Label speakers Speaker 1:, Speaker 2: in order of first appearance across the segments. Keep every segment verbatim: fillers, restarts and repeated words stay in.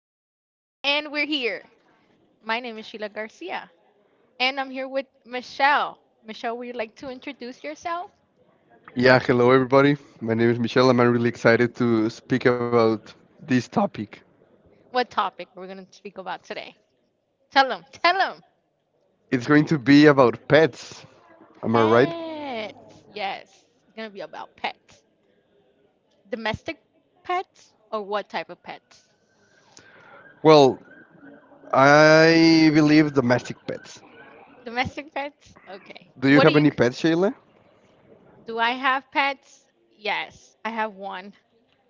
Speaker 1: Hello, and we're here. My name is Sheila Garcia, and I'm here with Michelle. Michelle, would you like to introduce yourself?
Speaker 2: Yeah, hello everybody. My name is Michelle, and I'm really excited to speak about this topic.
Speaker 1: What topic we're going to speak about today? Tell them, tell them.
Speaker 2: It's going to be about pets. Am I right?
Speaker 1: Pets. Yes, it's going to be about pets. Domestic pets or what type of pets?
Speaker 2: Well, I believe domestic pets.
Speaker 1: Domestic pets? Okay.
Speaker 2: Do you
Speaker 1: What do
Speaker 2: have
Speaker 1: you
Speaker 2: any
Speaker 1: c-
Speaker 2: pets, Shayla?
Speaker 1: Do I have pets? Yes, I have one.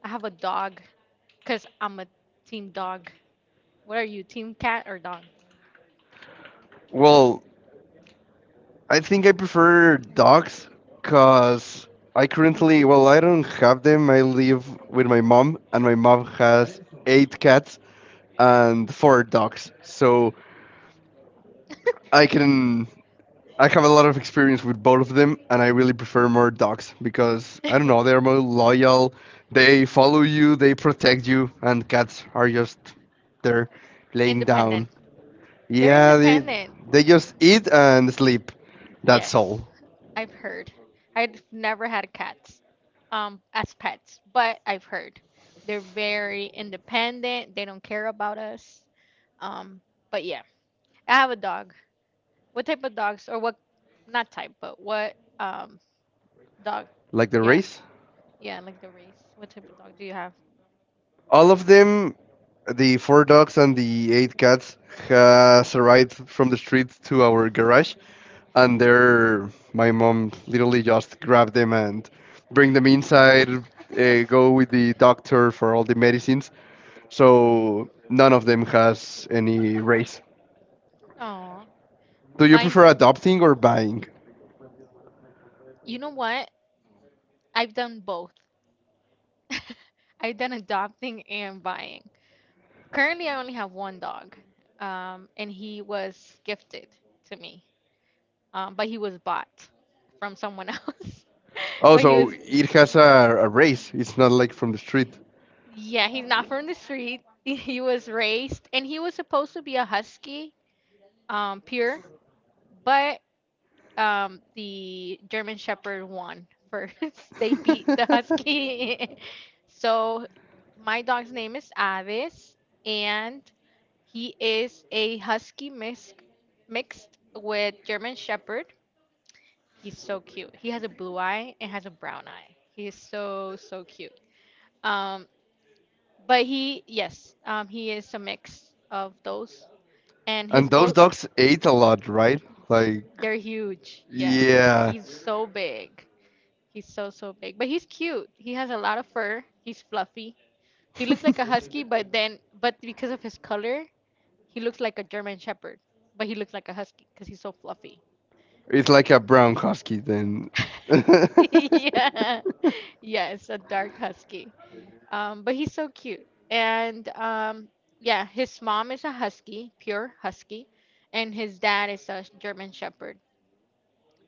Speaker 1: I have a dog because I'm a team dog. What are you, team cat or dog?
Speaker 2: Well, I think I prefer dogs because I currently, well, I don't have them. I live with my mom, and my mom has eight cats and four dogs. So I can I have a lot of experience with both of them, and I really prefer more dogs because I don't know, they're more loyal. They follow you, they protect you, and cats are just there, laying down.
Speaker 1: Independent. They're
Speaker 2: Yeah, they
Speaker 1: independent.
Speaker 2: they just eat and sleep. That's
Speaker 1: Yes,
Speaker 2: all.
Speaker 1: I've heard. I've never had cats um as pets, but I've heard they're very independent. They don't care about us. Um, but yeah, I have a dog. What type of dogs or what not type, but what um dog?
Speaker 2: Like the
Speaker 1: Yeah.
Speaker 2: race.
Speaker 1: Yeah, like the race. What type of dog do you have?
Speaker 2: All of them, the four dogs and the eight cats, has arrived from the street to our garage, and there, my mom literally just grabbed them and bring them inside. Uh, go with the doctor for all the medicines. So none of them has any race.
Speaker 1: Oh,
Speaker 2: Do you
Speaker 1: mine's.
Speaker 2: prefer adopting or buying?
Speaker 1: You know what? I've done both. I've done adopting and buying. Currently, I only have one dog, um, and he was gifted to me, um, but he was bought from someone else.
Speaker 2: Oh,
Speaker 1: But he
Speaker 2: so
Speaker 1: was
Speaker 2: it has a, a race. It's not like from the street.
Speaker 1: Yeah, he's not from the street. He was raised, and he was supposed to be a husky, um, pure, but um, the German Shepherd won first. They beat the husky. So my dog's name is Avis, and he is a husky mix mixed with German Shepherd. He's so cute. He has a blue eye and has a brown eye. He is so so cute. Um, but he yes um He is a mix of those and his
Speaker 2: And those
Speaker 1: both
Speaker 2: dogs ate a lot, right?
Speaker 1: they're
Speaker 2: Like
Speaker 1: huge. Yes, he's
Speaker 2: yeah.
Speaker 1: so big. He's so so big, but he's cute. He has a lot of fur. He's fluffy. He looks like a husky, but then but because of his color he looks like a German Shepherd, but he looks like a husky because he's so fluffy.
Speaker 2: It's like a brown husky then.
Speaker 1: Yeah, yes, a dark husky. Um, but he's so cute. And um, yeah, his mom is a husky, pure husky, and his dad is a German Shepherd.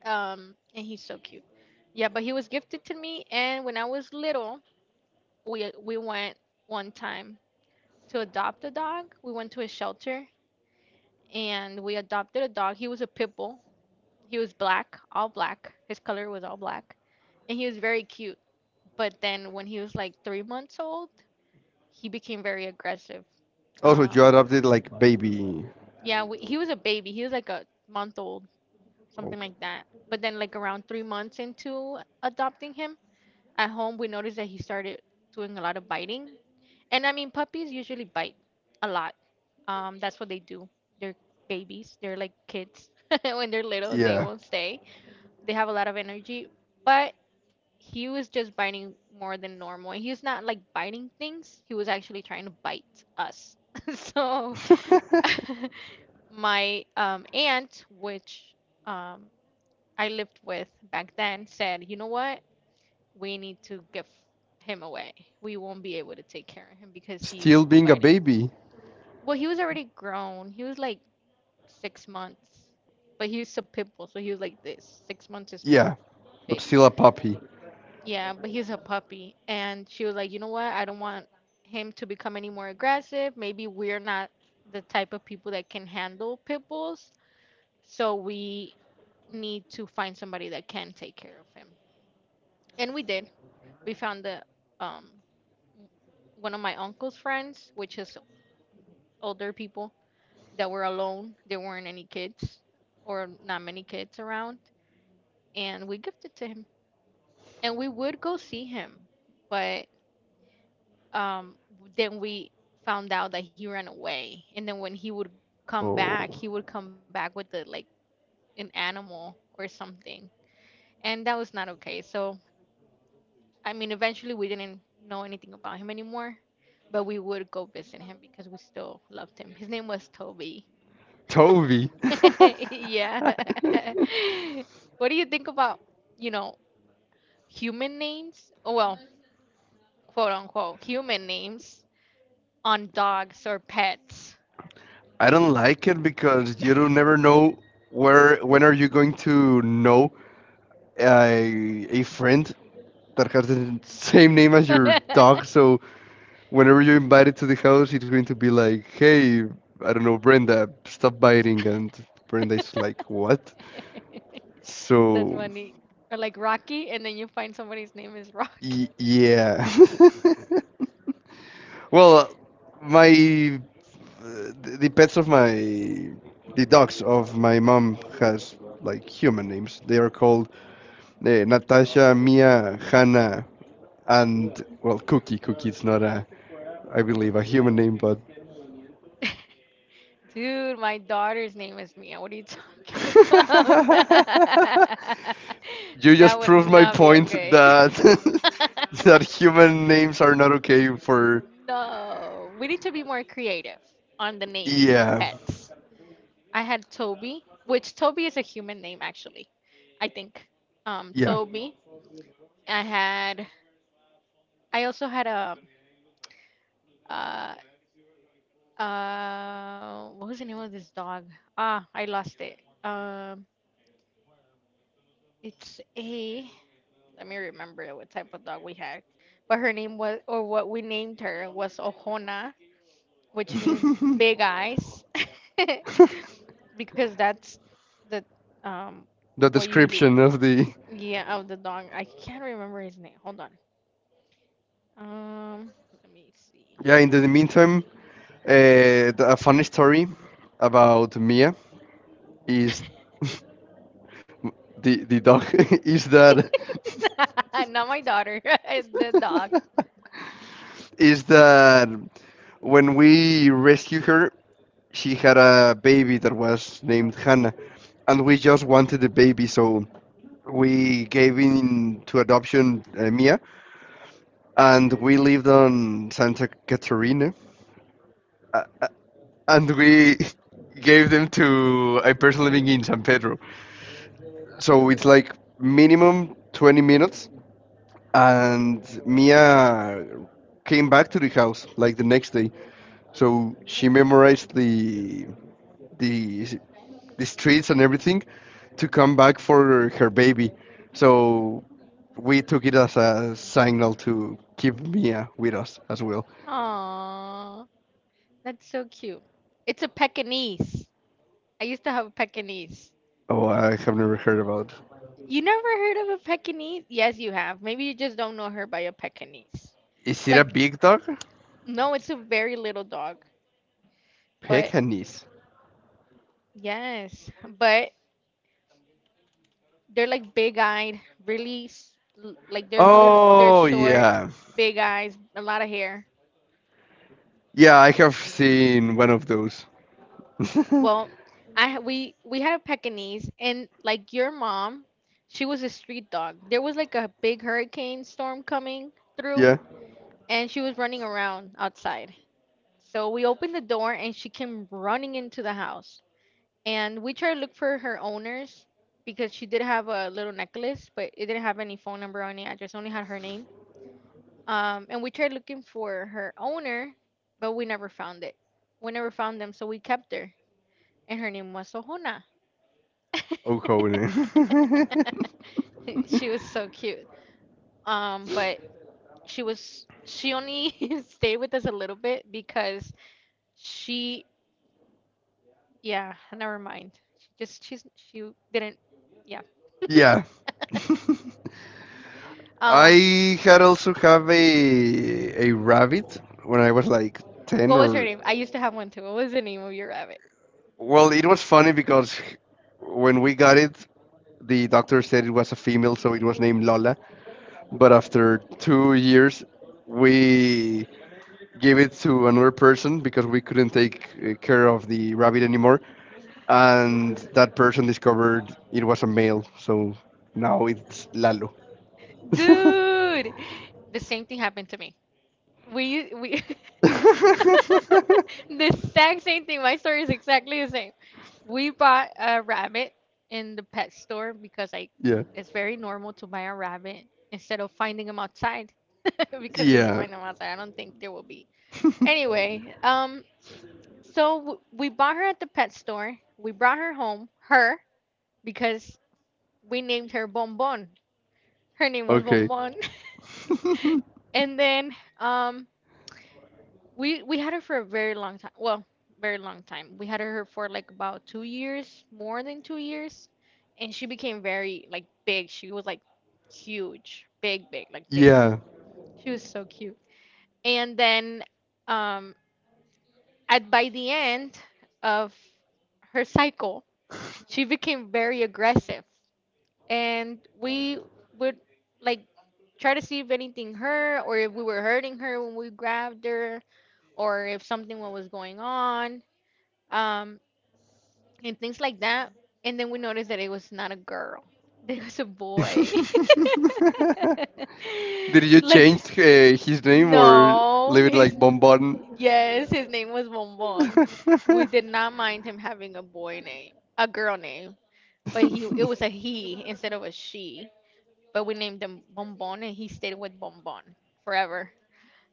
Speaker 1: Um, and he's so cute. Yeah, but he was gifted to me, and when I was little, we we went one time to adopt a dog. We went to a shelter and we adopted a dog. He was a pit bull. He was black, all black. His color was all black, and he was very cute. But then when he was like three months old, he became very aggressive.
Speaker 2: Also, you
Speaker 1: Um,
Speaker 2: adopted like baby.
Speaker 1: yeah, we, he was a baby. He was like a month old,
Speaker 2: Oh,
Speaker 1: something like that. But then, like around three months into adopting him at home, we noticed that he started doing a lot of biting. And I mean, puppies usually bite a lot. Um, that's what they do. They're babies. They're like kids. When they're little, they
Speaker 2: yeah.
Speaker 1: won't stay. They have a lot of energy, but he was just biting more than normal. And he's not like biting things. He was actually trying to bite us. so my um aunt, which um I lived with back then, said, "You know what? We need to give him away. We won't be able to take care of him because he's
Speaker 2: Still being a
Speaker 1: biting."
Speaker 2: baby.
Speaker 1: Well, he was already grown. He was like six months. But he was a pit bull, so he was like this. six months is
Speaker 2: Yeah, but
Speaker 1: big.
Speaker 2: still a puppy.
Speaker 1: Yeah, but he's a puppy. And she was like, you know what? I don't want him to become any more aggressive. Maybe we're not the type of people that can handle pit bulls. So we need to find somebody that can take care of him. And we did. We found the um one of my uncle's friends, which is older people that were alone. There weren't any kids or not many kids around. And we gifted to him. And we would go see him. But um then we found out that he ran away, and then when he would come back,
Speaker 2: Oh,
Speaker 1: he would come back with the like an animal or something, and that was not okay. So I mean, eventually we didn't know anything about him anymore, but we would go visit him because we still loved him. His name was Toby.
Speaker 2: Toby.
Speaker 1: Yeah. What do you think about, you know, human names? Oh, well, quote unquote human names on dogs or pets?
Speaker 2: I don't like it because you don't never know where when are you going to know a, a friend that has the same name as your dog. So whenever you're invited to the house, it's going to be like, hey, I don't know, Brenda, stop biting. And Brenda is like, what?
Speaker 1: That's
Speaker 2: So,
Speaker 1: funny. Or like Rocky, and then you find somebody's name is Rocky.
Speaker 2: y- yeah. Well, my, the the pets of my, the dogs of my mom has like human names. They are called uh, Natasha, Mia, Hannah, and, well, Cookie. Cookie is not a, I believe, a human name, but.
Speaker 1: Dude, my daughter's name is Mia. What are you talking about?
Speaker 2: You
Speaker 1: That
Speaker 2: just
Speaker 1: would
Speaker 2: proved my
Speaker 1: not be
Speaker 2: point
Speaker 1: okay.
Speaker 2: that that human names are not okay for
Speaker 1: No, we need to be more creative on the naming of
Speaker 2: yeah
Speaker 1: pets. I had Toby, which Toby is a human name actually, I think. Um,
Speaker 2: yeah.
Speaker 1: Toby. I had. I also had a. Uh, uh, what was the name of this dog? Ah, I lost it. Um, it's a. Let me remember what type of dog we had. But her name was, or what we named her, was Ojona, which means
Speaker 2: The
Speaker 1: big eyes, because that's the um what usually,
Speaker 2: description of the
Speaker 1: yeah, of the dog. I can't remember his name. Hold on. Um, Let me see.
Speaker 2: yeah. In the meantime, uh, the- a funny story about Mia is the the dog is that
Speaker 1: Not my daughter, the dog.
Speaker 2: is that when we rescued her, she had a baby that was named Hannah, and we just wanted the baby, so we gave in to adoption uh, Mia, and we lived on Santa Caterina, uh, uh, and we gave them to a person living in San Pedro. So it's like minimum twenty minutes, and Mia came back to the house like the next day. So she memorized the the the streets and everything to come back for her baby. So we took it as a signal to keep Mia with us as well.
Speaker 1: Aww, that's so cute. It's a Pekingese. I used to have a Pekingese.
Speaker 2: Oh, I have never heard about.
Speaker 1: You never heard of a Pekingese? Yes, you have. Maybe you just don't know her by a Pekingese.
Speaker 2: Is
Speaker 1: It's
Speaker 2: it a
Speaker 1: like,
Speaker 2: big dog?
Speaker 1: no, it's a very little dog. But
Speaker 2: Pekingese.
Speaker 1: yes, but they're like big-eyed, really s- l- like they're little, they're
Speaker 2: Oh
Speaker 1: short,
Speaker 2: yeah,
Speaker 1: big eyes, a lot of hair.
Speaker 2: yeah. I have seen one of those.
Speaker 1: Well, I ha- we we had a Pekingese, and like your mom, she was a street dog. There was like a big hurricane storm coming through,
Speaker 2: Yeah.
Speaker 1: and she was running around outside. So we opened the door and she came running into the house. And we tried to look for her owners because she did have a little necklace, but it didn't have any phone number on it. I just only had her name. Um, and we tried looking for her owner, but we never found it. We never found them, so we kept her. And her name was Sohona.
Speaker 2: Oh, Okone.
Speaker 1: She was so cute. Um, but she was she only stayed with us a little bit because she Yeah, never mind. She just she's she didn't. Yeah.
Speaker 2: Yeah.
Speaker 1: Um,
Speaker 2: I had also have a a rabbit when I was like ten
Speaker 1: what was her
Speaker 2: or
Speaker 1: name? I used to have one too. What was the name of your rabbit?
Speaker 2: well, it was funny because when we got it, the doctor said it was a female, so it was named Lola. But after two years, we gave it to another person because we couldn't take uh, care of the rabbit anymore, and that person discovered it was a male. So now it's Lalo.
Speaker 1: Dude, the same thing happened to me. We we The exact same thing. My story is exactly the same. We bought a rabbit in the pet store because I
Speaker 2: Yeah.
Speaker 1: it's very normal to buy a rabbit instead of finding them outside because if you
Speaker 2: Yeah.
Speaker 1: find them outside, I don't think there will be. Anyway, um so w- we bought her at the pet store. We brought her home, her, because we named her Bonbon. Her name was
Speaker 2: Okay.
Speaker 1: Bonbon. And then um we we had her for a very long time. Well, very long time. We had her for like about two years, more than two years, and she became very like big. She was like huge, big big like this.
Speaker 2: Yeah.
Speaker 1: She was so cute. And then um at by the end of her cycle, she became very aggressive, and we would like try to see if anything hurt or if we were hurting her when we grabbed her or if something wa- was going on, um and things like that. And then we noticed that it was not a girl, it was a boy.
Speaker 2: Did you
Speaker 1: like
Speaker 2: change uh, his name or
Speaker 1: no
Speaker 2: leave it
Speaker 1: his
Speaker 2: like Bonbon?
Speaker 1: Yes, his name was Bonbon. We did not mind him having a boy name, a girl name, but he it was a he instead of a she, but we named him Bonbon, and he stayed with Bonbon forever.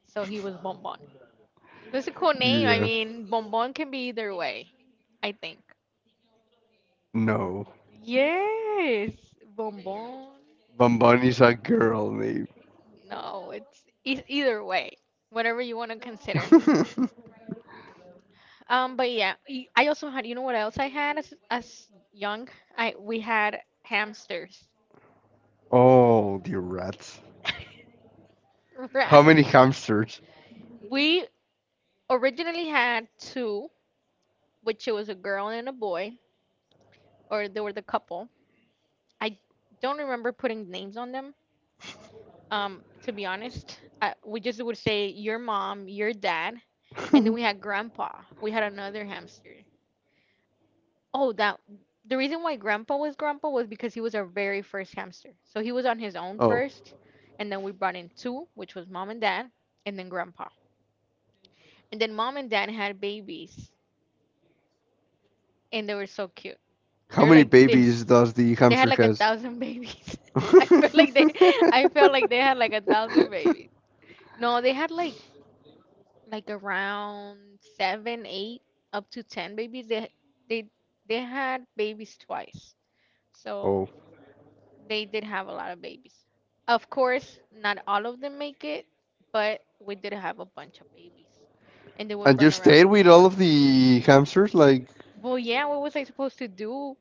Speaker 1: So he was Bonbon. That's a cool name. I
Speaker 2: Yeah.
Speaker 1: mean, Bonbon can be either way, I think.
Speaker 2: No.
Speaker 1: Yes, Bonbon.
Speaker 2: Bonbonnie's a girl name.
Speaker 1: No, it's e- either way, whatever you want to consider. Um, but yeah, y- I also had. You know what else I had as as young? I We had hamsters.
Speaker 2: Oh, dear rats. How
Speaker 1: Right.
Speaker 2: many hamsters?
Speaker 1: We originally had two, which it was a girl and a boy, or they were the couple. I don't remember putting names on them. Um, to be honest, I, we just would say your mom, your dad, and then we had grandpa. We had another hamster. Oh, that the reason why grandpa was grandpa was because he was our very first hamster. So he was on his own
Speaker 2: Oh,
Speaker 1: first, and then we brought in two, which was mom and dad, and then grandpa. And then mom and dad had babies, and they were so cute.
Speaker 2: how
Speaker 1: They're
Speaker 2: many
Speaker 1: like
Speaker 2: babies
Speaker 1: this.
Speaker 2: does the
Speaker 1: They had
Speaker 2: hamster
Speaker 1: like a
Speaker 2: has?
Speaker 1: thousand babies. I felt like they, I felt like they had like a thousand babies. No, they had like like around seven, eight, up to ten babies. They they they had babies twice, so
Speaker 2: Oh,
Speaker 1: they did have a lot of babies. Of course, not all of them make it, but we did have a bunch of babies, and they would
Speaker 2: and you
Speaker 1: run around.
Speaker 2: stayed with all of the hamsters? Like,
Speaker 1: Well, yeah, what was I supposed to do?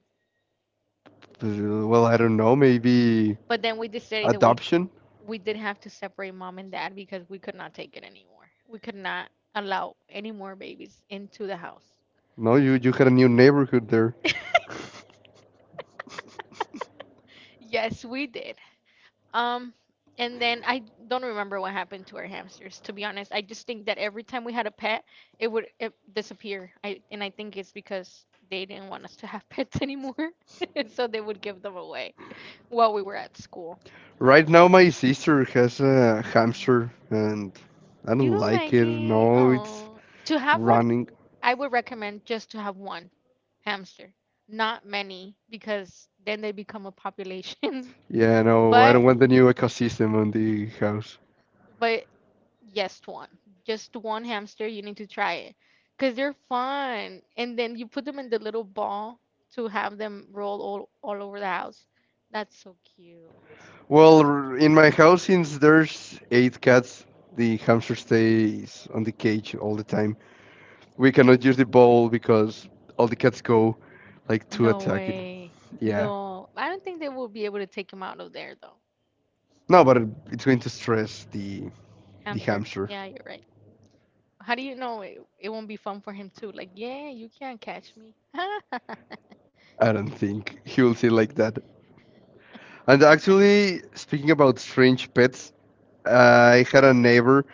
Speaker 2: uh, well, I don't know, maybe
Speaker 1: But then we decided that we
Speaker 2: adoption?
Speaker 1: we did have to separate mom and dad because we could not take it anymore. We could not allow any more babies into the house.
Speaker 2: No, you you had a new neighborhood there.
Speaker 1: Yes, we did. Um, and then I don't remember what happened to our hamsters. To be honest, I just think that every time we had a pet, it would it disappear. I and I think it's because they didn't want us to have pets anymore, so they would give them away while we were at school.
Speaker 2: Right now, my sister has a hamster, and I
Speaker 1: You
Speaker 2: don't
Speaker 1: don't
Speaker 2: like
Speaker 1: like
Speaker 2: it.
Speaker 1: it?
Speaker 2: No, it's
Speaker 1: Oh, to have one,
Speaker 2: running.
Speaker 1: I would recommend just to have one hamster, not many, because then they become a population.
Speaker 2: Yeah, no, I don't
Speaker 1: But
Speaker 2: want the new ecosystem on the house.
Speaker 1: But just one, just one hamster, you need to try it because they're fun. And then you put them in the little ball to have them roll all, all over the house. That's so cute.
Speaker 2: Well, r- in my house, since there's eight cats, the hamster stays on the cage all the time. We cannot use the bowl because all the cats go like to
Speaker 1: No
Speaker 2: attack it.
Speaker 1: way.
Speaker 2: Yeah.
Speaker 1: No. I don't think they will be able to take him out of there though.
Speaker 2: No, but it- it's going to stress the the
Speaker 1: Hamster.
Speaker 2: hamster.
Speaker 1: Yeah, you're right. How do you know it, it won't be fun for him too? Like, yeah, you can't catch me.
Speaker 2: I don't think he will see like that. And actually, speaking about strange pets, I had a neighbor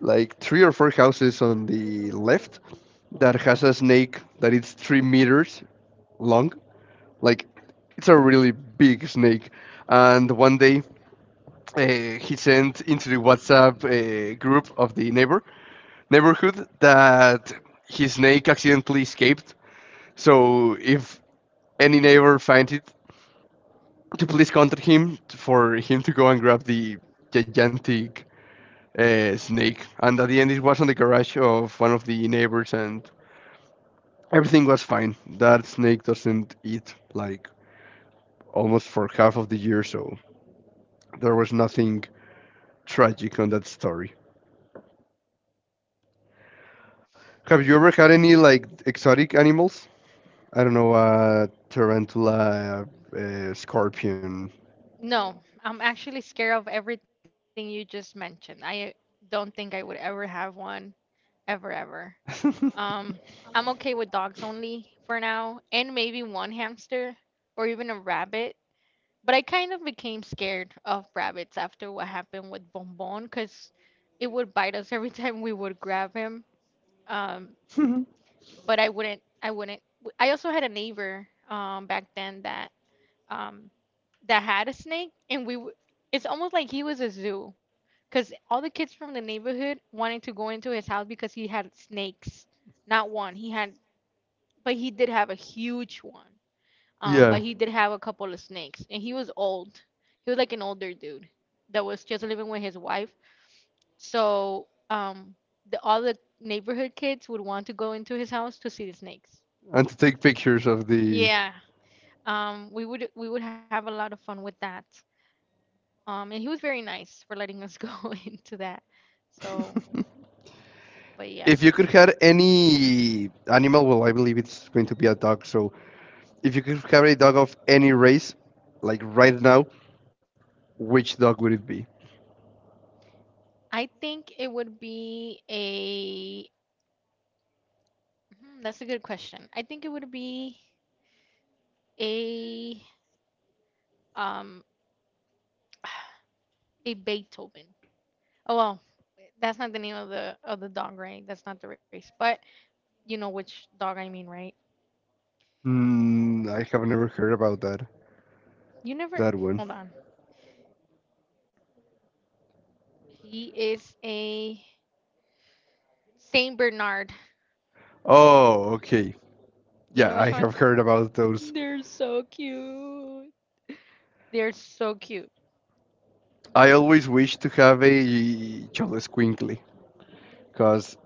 Speaker 2: like three or four houses on the left that has a snake that is three meters long. Like it's a really big snake. And one day uh, he sent into the WhatsApp uh, group of the neighbor neighborhood that his snake accidentally escaped. So if any neighbor finds it, to please contact him for him to go and grab the gigantic uh, snake. And at the end, it was on the garage of one of the neighbors, and everything was fine. That snake doesn't eat like almost for half of the year, so there was nothing tragic on that story. Have you ever had any like exotic animals? I don't know, uh, tarantula, uh, uh, scorpion.
Speaker 1: No, I'm actually scared of everything you just mentioned. I don't think I would ever have one. Ever, ever. Um, I'm okay with dogs only for now, and maybe one hamster or even a rabbit. But I kind of became scared of rabbits after what happened with Bonbon because it would bite us every time we would grab him. Um, but I wouldn't, I wouldn't. w- I also had a neighbor um, back then that um, that had a snake, and we w- it's almost like he was a zoo because all the kids from the neighborhood wanted to go into his house because he had snakes. Not one, he had, but he did have a huge one. Um, but
Speaker 2: Yeah,
Speaker 1: he did have a couple of snakes, and he was old. He was like an older dude that was just living with his wife. So, um, the, all the neighborhood kids would want to go into his house to see the snakes.
Speaker 2: and to take pictures of the.
Speaker 1: Yeah. Um, we would we would have a lot of fun with that. Um, and he was very nice for letting us go into that. So, but
Speaker 2: If you
Speaker 1: yeah,
Speaker 2: could have any animal, well, I believe it's going to be a dog. So, if you could have a dog of any race, like right now, which dog would it be?
Speaker 1: I think it would be a. Hmm, that's a good question. I think it would be a um a Beethoven. Oh well, that's not the name of the of the dog, right? That's not the race, but you know which dog I mean, right?
Speaker 2: Mm, I have never heard about that
Speaker 1: You never.
Speaker 2: that one.
Speaker 1: Hold on. He is a Saint Bernard.
Speaker 2: Oh, okay.
Speaker 1: You know
Speaker 2: Yeah,
Speaker 1: which
Speaker 2: I
Speaker 1: one?
Speaker 2: have heard about those.
Speaker 1: They're so cute. They're so cute
Speaker 2: I always wish to have a Cholesquinkle because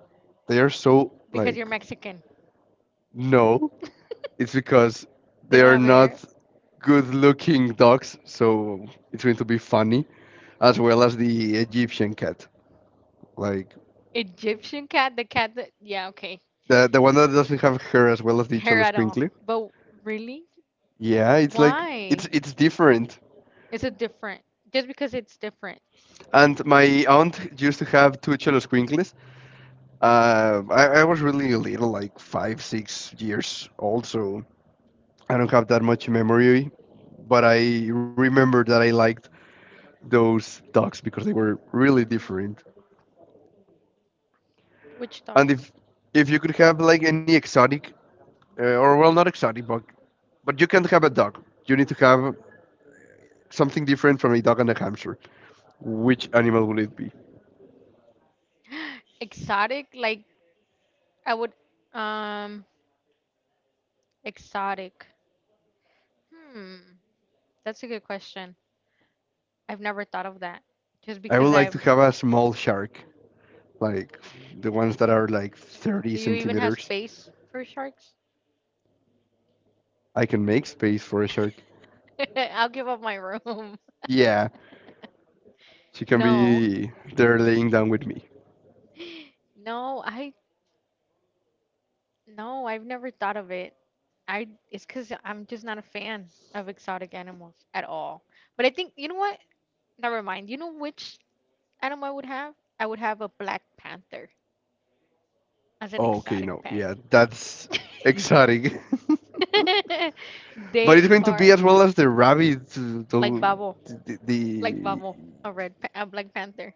Speaker 2: they are so
Speaker 1: because you're
Speaker 2: like
Speaker 1: Mexican.
Speaker 2: no, it's because
Speaker 1: They
Speaker 2: they
Speaker 1: don't
Speaker 2: are
Speaker 1: have hair.
Speaker 2: not good-looking dogs, so it's going to be funny as well as the Egyptian cat, like
Speaker 1: Egyptian cat, the cat that yeah, okay.
Speaker 2: the the one that doesn't have hair as well as the
Speaker 1: Hair at all.
Speaker 2: Cholesquinkle.
Speaker 1: But really?
Speaker 2: Yeah, it's like it's
Speaker 1: Why?
Speaker 2: it's different.
Speaker 1: Is it different? Just because it's different.
Speaker 2: And my aunt used to have two Cholesquinkles. Um, I, I was really little, like five, six years old, so I don't have that much memory. But I remember that I liked those dogs because they were really different.
Speaker 1: Which dog?
Speaker 2: And if if you could have like any exotic, uh, or well, not exotic, but but you can't have a dog. You need to have something different from a dog and a hamster. Which animal would it be?
Speaker 1: Exotic? Like I would um exotic. Hmm. That's a good question. I've never thought of that. Just
Speaker 2: I would
Speaker 1: because
Speaker 2: like to
Speaker 1: I'm
Speaker 2: have a small shark, like the ones that are like thirty
Speaker 1: Do you even have
Speaker 2: centimeters.
Speaker 1: space for sharks?
Speaker 2: I can make space for a shark.
Speaker 1: I'll give up my room.
Speaker 2: Yeah, she can
Speaker 1: No.
Speaker 2: be there laying down with me.
Speaker 1: No, I no, I've never thought of it. I it's because 'cause I'm just not a fan of exotic animals at all. But I think you know what? Never mind. You know which animal I would have? I would have a black panther as an
Speaker 2: Oh, okay,
Speaker 1: exotic
Speaker 2: no,
Speaker 1: pet.
Speaker 2: yeah, that's exotic. But
Speaker 1: They
Speaker 2: it's going to be
Speaker 1: are
Speaker 2: as well as the rabbit,
Speaker 1: like
Speaker 2: the,
Speaker 1: Babo,
Speaker 2: the,
Speaker 1: like
Speaker 2: the
Speaker 1: Babo, a red pa- a black panther.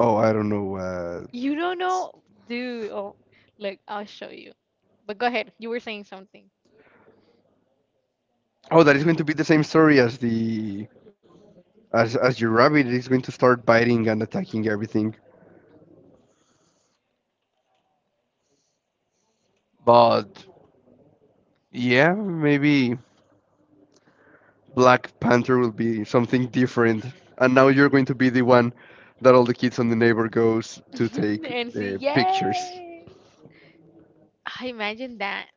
Speaker 2: oh, I don't know. Uh,
Speaker 1: You don't know, dude. Oh, look, I'll show you. But go ahead. You were saying something.
Speaker 2: oh, that is going to be the same story as the as as your rabbit is going to start biting and attacking everything. But yeah, maybe Black Panther will be something different. And now you're going to be the one that all the kids on the neighbor goes to take
Speaker 1: And see,
Speaker 2: uh, pictures.
Speaker 1: yes. I imagine that.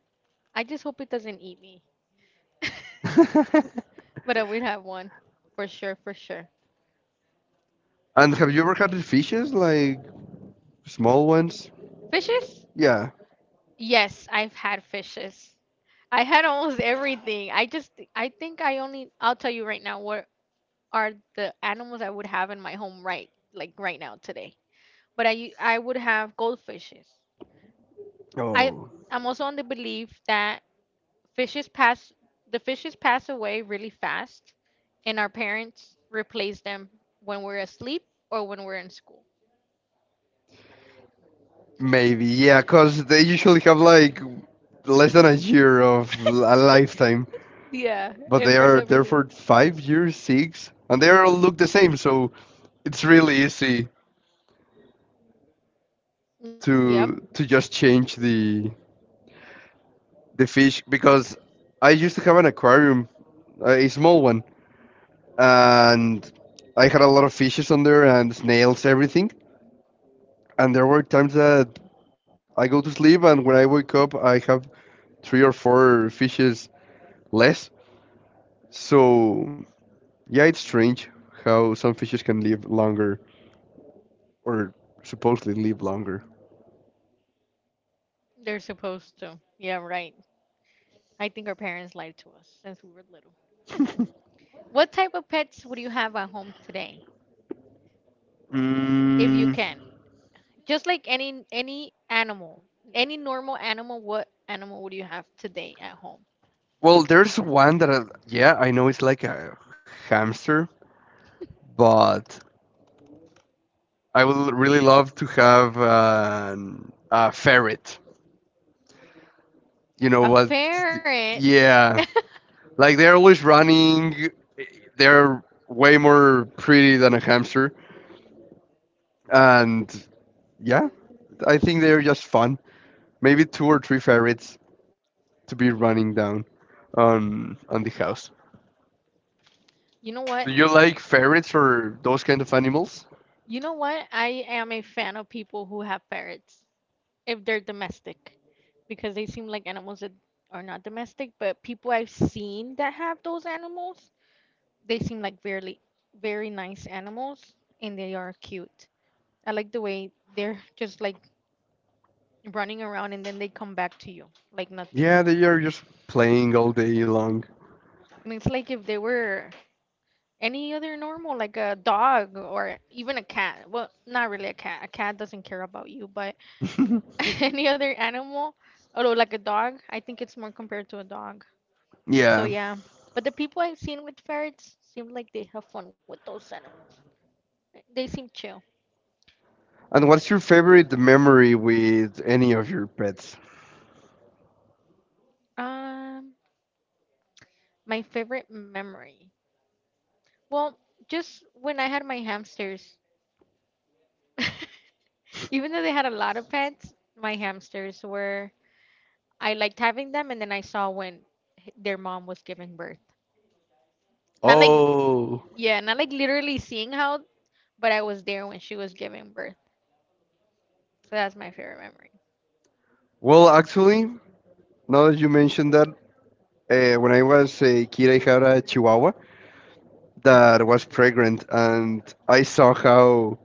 Speaker 1: I just hope it doesn't eat me. But I would have one for sure, for sure.
Speaker 2: And have you ever had fishes, like small ones?
Speaker 1: Fishes?
Speaker 2: Yeah.
Speaker 1: Yes, I've had fishes. I had almost everything. I just, I think I only, I'll tell you right now what are the animals I would have in my home right, like right now today. But I, I would have goldfishes. I
Speaker 2: Oh.
Speaker 1: I'm also on the belief that fishes pass the fishes pass away really fast, and our parents replace them when we're asleep or when we're in school.
Speaker 2: Maybe, yeah, because they usually have like less than a year of a lifetime,
Speaker 1: Yeah,
Speaker 2: but they
Speaker 1: and for
Speaker 2: are
Speaker 1: some
Speaker 2: there
Speaker 1: reason.
Speaker 2: for five years, six, and they all look the same, so it's really easy
Speaker 1: Yep,
Speaker 2: to to just change the the fish because I used to have an aquarium, a small one, and I had a lot of fishes on there and snails, everything, and there were times that I go to sleep, and when I wake up, I have three or four fishes less. So yeah, it's strange how some fishes can live longer or supposedly live longer.
Speaker 1: they're supposed to. Yeah, right. I think our parents lied to us since we were little. What type of pets would you have at home today, if you
Speaker 2: Mm,
Speaker 1: can? Just like any any animal, any normal animal, what animal would you have today at home?
Speaker 2: well, there's one that I, yeah, I know it's like a hamster, but I would really love to have an, a ferret. You know
Speaker 1: A
Speaker 2: what?
Speaker 1: ferret.
Speaker 2: Yeah, like they're always running. They're way more pretty than a hamster, and yeah, I think they're just fun. Maybe two or three ferrets to be running down on on the house.
Speaker 1: You know what?
Speaker 2: Do you like ferrets or those kind of animals?
Speaker 1: You know what? I am a fan of people who have ferrets if they're domestic because they seem like animals that are not domestic, but people I've seen that have those animals, they seem like very very nice animals, and they are cute. I like the way they're just like running around, and then they come back to you like nothing.
Speaker 2: Yeah, they are just playing all day long.
Speaker 1: And it's like if they were any other normal, like a dog or even a cat. Well, not really a cat. A cat doesn't care about you, but any other animal, although like a dog, I think it's more compared to a dog. So
Speaker 2: Yeah.
Speaker 1: yeah. But the people I've seen with ferrets seem like they have fun with those animals. They seem chill.
Speaker 2: And what's your favorite memory with any of your pets?
Speaker 1: Um, my favorite memory. Well, just when I had my hamsters. Even though they had a lot of pets, my hamsters were I liked having them, and then I saw when h- their mom was giving birth. Not like
Speaker 2: Oh,
Speaker 1: yeah, not like literally seeing how, but I was there when she was giving birth. So that's my favorite memory.
Speaker 2: well, actually, now that you mentioned that, uh, when I was a kid, I had a Chihuahua, that was pregnant, and I saw how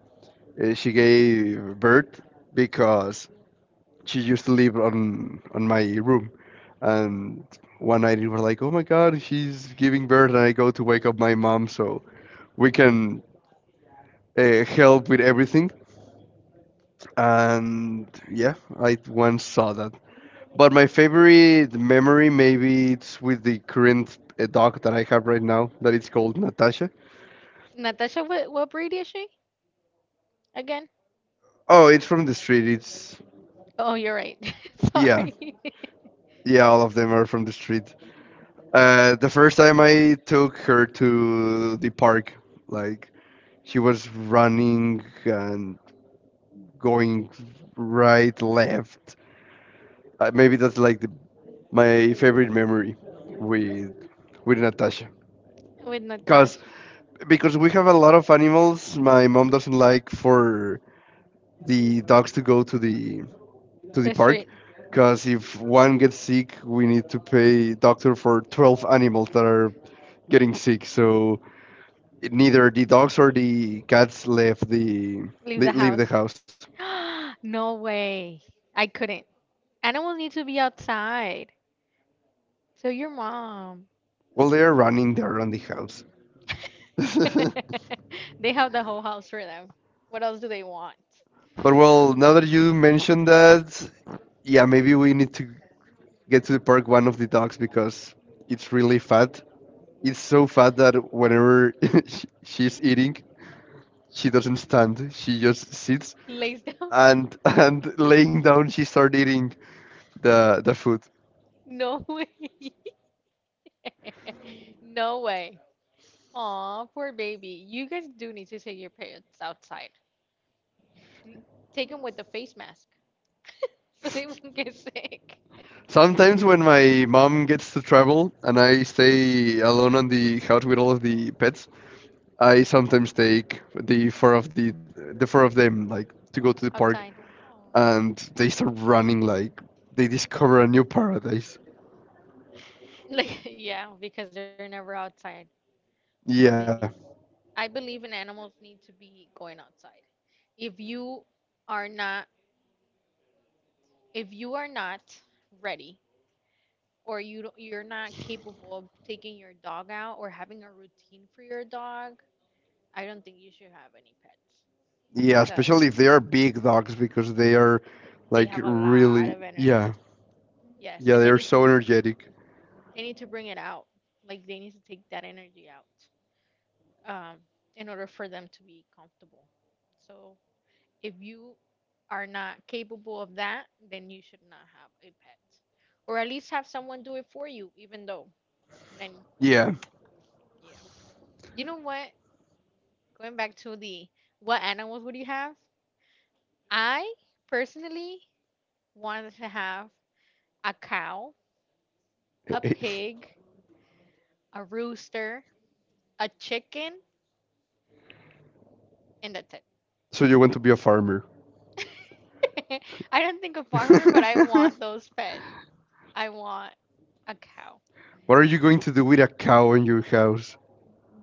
Speaker 2: uh, she gave birth because she used to live on on my room, and one night it was like, oh my god, she's giving birth, and I go to wake up my mom so we can uh, help with everything, and yeah, I once saw that. But my favorite memory, maybe it's with the current uh, dog that I have right now, that it's called Natasha.
Speaker 1: Natasha, what what breed is she again?
Speaker 2: Oh, it's from the street. It's
Speaker 1: Oh, you're right.
Speaker 2: yeah,
Speaker 1: Sorry.
Speaker 2: yeah, all of them are from the street. Uh, the first time I took her to the park, like she was running and going right, left. Uh, maybe that's like the, my favorite memory with with Natasha.
Speaker 1: With
Speaker 2: Cause
Speaker 1: Natasha,
Speaker 2: Because we have a lot of animals. My mom doesn't like for the dogs to go to the to the
Speaker 1: to the
Speaker 2: park
Speaker 1: street,
Speaker 2: because if one gets sick, we need to pay doctor for twelve animals that are getting sick. So neither the dogs or the cats left the
Speaker 1: leave the
Speaker 2: le- leave the
Speaker 1: house.
Speaker 2: house.
Speaker 1: No way. I couldn't. Animals need to be outside. So your mom.
Speaker 2: Well, they are running there around the house.
Speaker 1: They have the whole house for them. What else do they want?
Speaker 2: But well, now that you mentioned that, yeah, maybe we need to get to the park one of the dogs because it's really fat. It's so fat that whenever she- she's eating, she doesn't stand. She just sits
Speaker 1: Lays down?
Speaker 2: and and laying down she started eating the the food
Speaker 1: No way. No way. Aw, poor baby. You guys do need to take your pets outside. L- Take them with the face mask so they won't get sick.
Speaker 2: sometimes when my mom gets to travel and I stay alone on the couch with all of the pets I sometimes take the four of the the four of them like to go to the park
Speaker 1: Outside. Aw.
Speaker 2: and they start running like they discover a new paradise.
Speaker 1: Like, yeah, because they're never outside. For
Speaker 2: Yeah,
Speaker 1: babies. I believe in animals need to be going outside. If you are not if you are not ready or you don't, you're not capable of taking your dog out or having a routine for your dog, I don't think you should have any pets
Speaker 2: yeah,
Speaker 1: because
Speaker 2: especially if they are big dogs because they are
Speaker 1: they
Speaker 2: like
Speaker 1: have a lot
Speaker 2: really
Speaker 1: of energy.
Speaker 2: yeah.
Speaker 1: Yes,
Speaker 2: Yeah,
Speaker 1: and
Speaker 2: they
Speaker 1: they
Speaker 2: are
Speaker 1: need to
Speaker 2: so energetic.
Speaker 1: they need to bring it out. Like they need to take that energy out. um, in order for them to be comfortable. So if you are not capable of that, then you should not have a pet, or at least have someone do it for you. Even though, then
Speaker 2: Yeah.
Speaker 1: yeah, you know what? Going back to the what animals would you have? I personally wanted to have a cow, a pig, a rooster, a chicken, and that's it.
Speaker 2: So you want to be a farmer.
Speaker 1: I don't think a farmer, but I
Speaker 2: What
Speaker 1: want those pets. I want a cow.
Speaker 2: are you going to do with a cow in your house?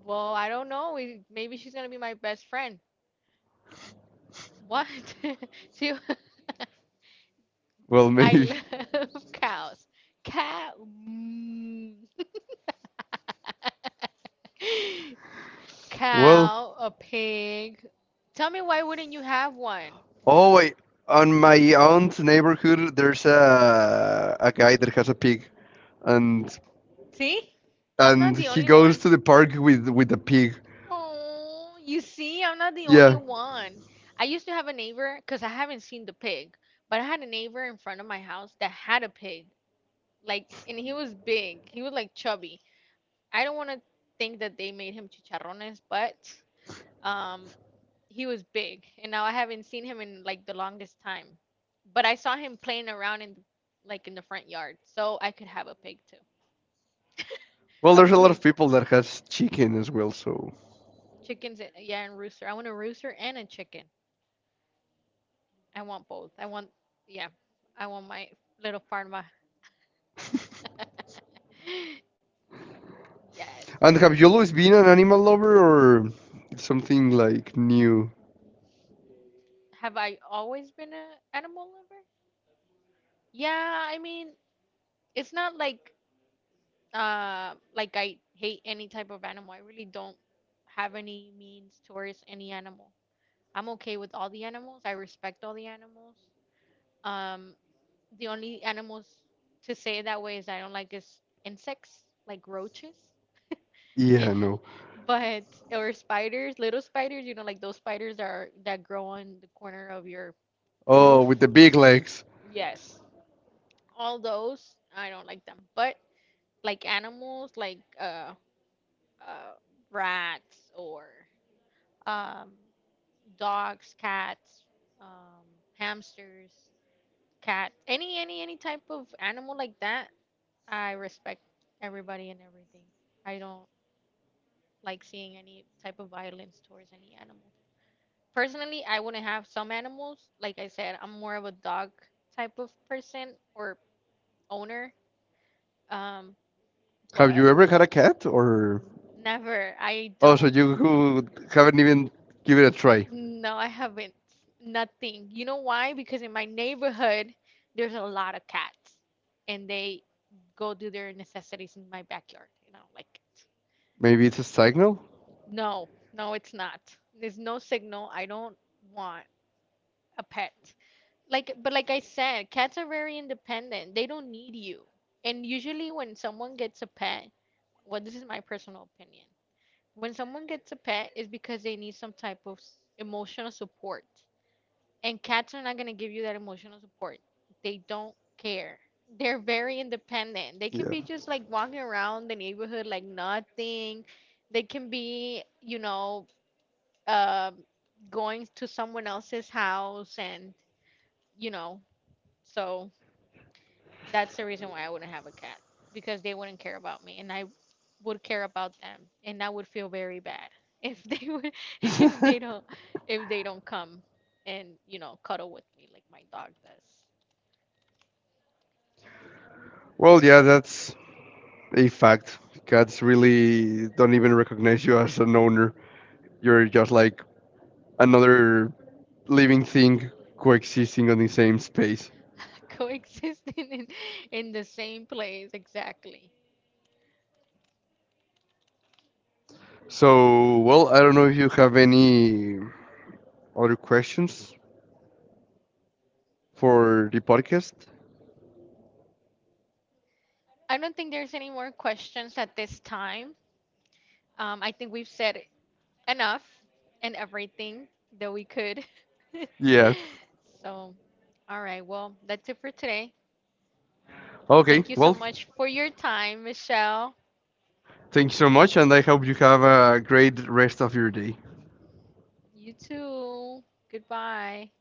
Speaker 1: Well, I don't know. We, maybe she's gonna be my best friend. What? See,
Speaker 2: Well,
Speaker 1: I
Speaker 2: maybe.
Speaker 1: love cows. Cow, mm.
Speaker 2: Well,
Speaker 1: Cow, a pig. Tell me why wouldn't you have one?
Speaker 2: oh wait. On my aunt's neighborhood, there's a a guy that has a pig, and
Speaker 1: See, I'm not
Speaker 2: and
Speaker 1: the
Speaker 2: he
Speaker 1: only
Speaker 2: goes
Speaker 1: one.
Speaker 2: to the park with with a pig.
Speaker 1: Oh, you see, I'm not the only
Speaker 2: Yeah.
Speaker 1: one. I used to have a neighbor because I haven't seen the pig, but I had a neighbor in front of my house that had a pig. Like and he was big, he was like chubby. I don't want to think that they made him chicharrones, but um he was big, and now I haven't seen him in like the longest time, but I saw him playing around in like in the front yard, so I could have a pig too.
Speaker 2: Well,
Speaker 1: A
Speaker 2: there's a lot of
Speaker 1: pig,
Speaker 2: people that has chicken as well. So,
Speaker 1: chickens, a- yeah, and rooster, I want a rooster and a chicken. I want both. I want, yeah, I want my little farm. Yes.
Speaker 2: and have you always been an animal lover or something like new?
Speaker 1: Have I always been a animal lover? Yeah, I mean, it's not like uh like I hate any type of animal. I really don't have any means towards any animal. I'm okay with all the animals. I respect all the animals. Um, the only animals to say it that way is I don't like is insects, like roaches.
Speaker 2: Yeah, no.
Speaker 1: But or spiders, little spiders, you know, like those spiders that are that grow on the corner of your
Speaker 2: Oh, with
Speaker 1: roof.
Speaker 2: the big legs.
Speaker 1: Yes. All those, I don't like them. But like animals like uh uh rats or um dogs, cats, um hamsters, cat, any any any type of animal like that, I respect everybody and everything. I don't like seeing any type of violence towards any animal. Personally, I wouldn't have some animals. Like I said, I'm more of a dog type of person or owner. Um,
Speaker 2: Have
Speaker 1: but
Speaker 2: you ever had a cat or?
Speaker 1: never. I
Speaker 2: Oh, so
Speaker 1: don't.
Speaker 2: you who haven't even given it a try.
Speaker 1: No, I haven't. Nothing. You know why? Because in my neighborhood, there's a lot of cats, and they go do their necessities in my backyard, and I don't like it.
Speaker 2: Maybe it's a signal?
Speaker 1: No, no, it's not. There's no signal. I don't want a pet. Like, but like I said, cats are very independent. They don't need you, and usually when someone gets a pet, well, this is my personal opinion, when someone gets a pet is because they need some type of s- emotional support, and cats are not going to give you that emotional support. They don't care. They're very independent. They can be just like walking around the neighborhood like nothing. They can be you know um going to someone else's house, and you know so. That's the reason why I wouldn't have a cat because they wouldn't care about me, and I would care about them, and I would feel very bad if they would if
Speaker 2: Yeah.
Speaker 1: they don't if they don't come and you know cuddle with me like my dog does.
Speaker 2: Well, yeah, that's a fact. Cats really don't even recognize you as an owner. You're just like another living thing coexisting on the same space.
Speaker 1: Coexisting in, in the same place exactly.
Speaker 2: So, well, I don't know if you have any other questions for the podcast.
Speaker 1: I don't think there's any more questions at this time. Um, I think we've said enough and everything that we could.
Speaker 2: Yeah.
Speaker 1: So, all right, well, that's it for today.
Speaker 2: Okay,
Speaker 1: Thank you so
Speaker 2: well,
Speaker 1: much for your time, Michelle.
Speaker 2: thank you so much, and I hope you have a great rest of your day.
Speaker 1: You too. Goodbye.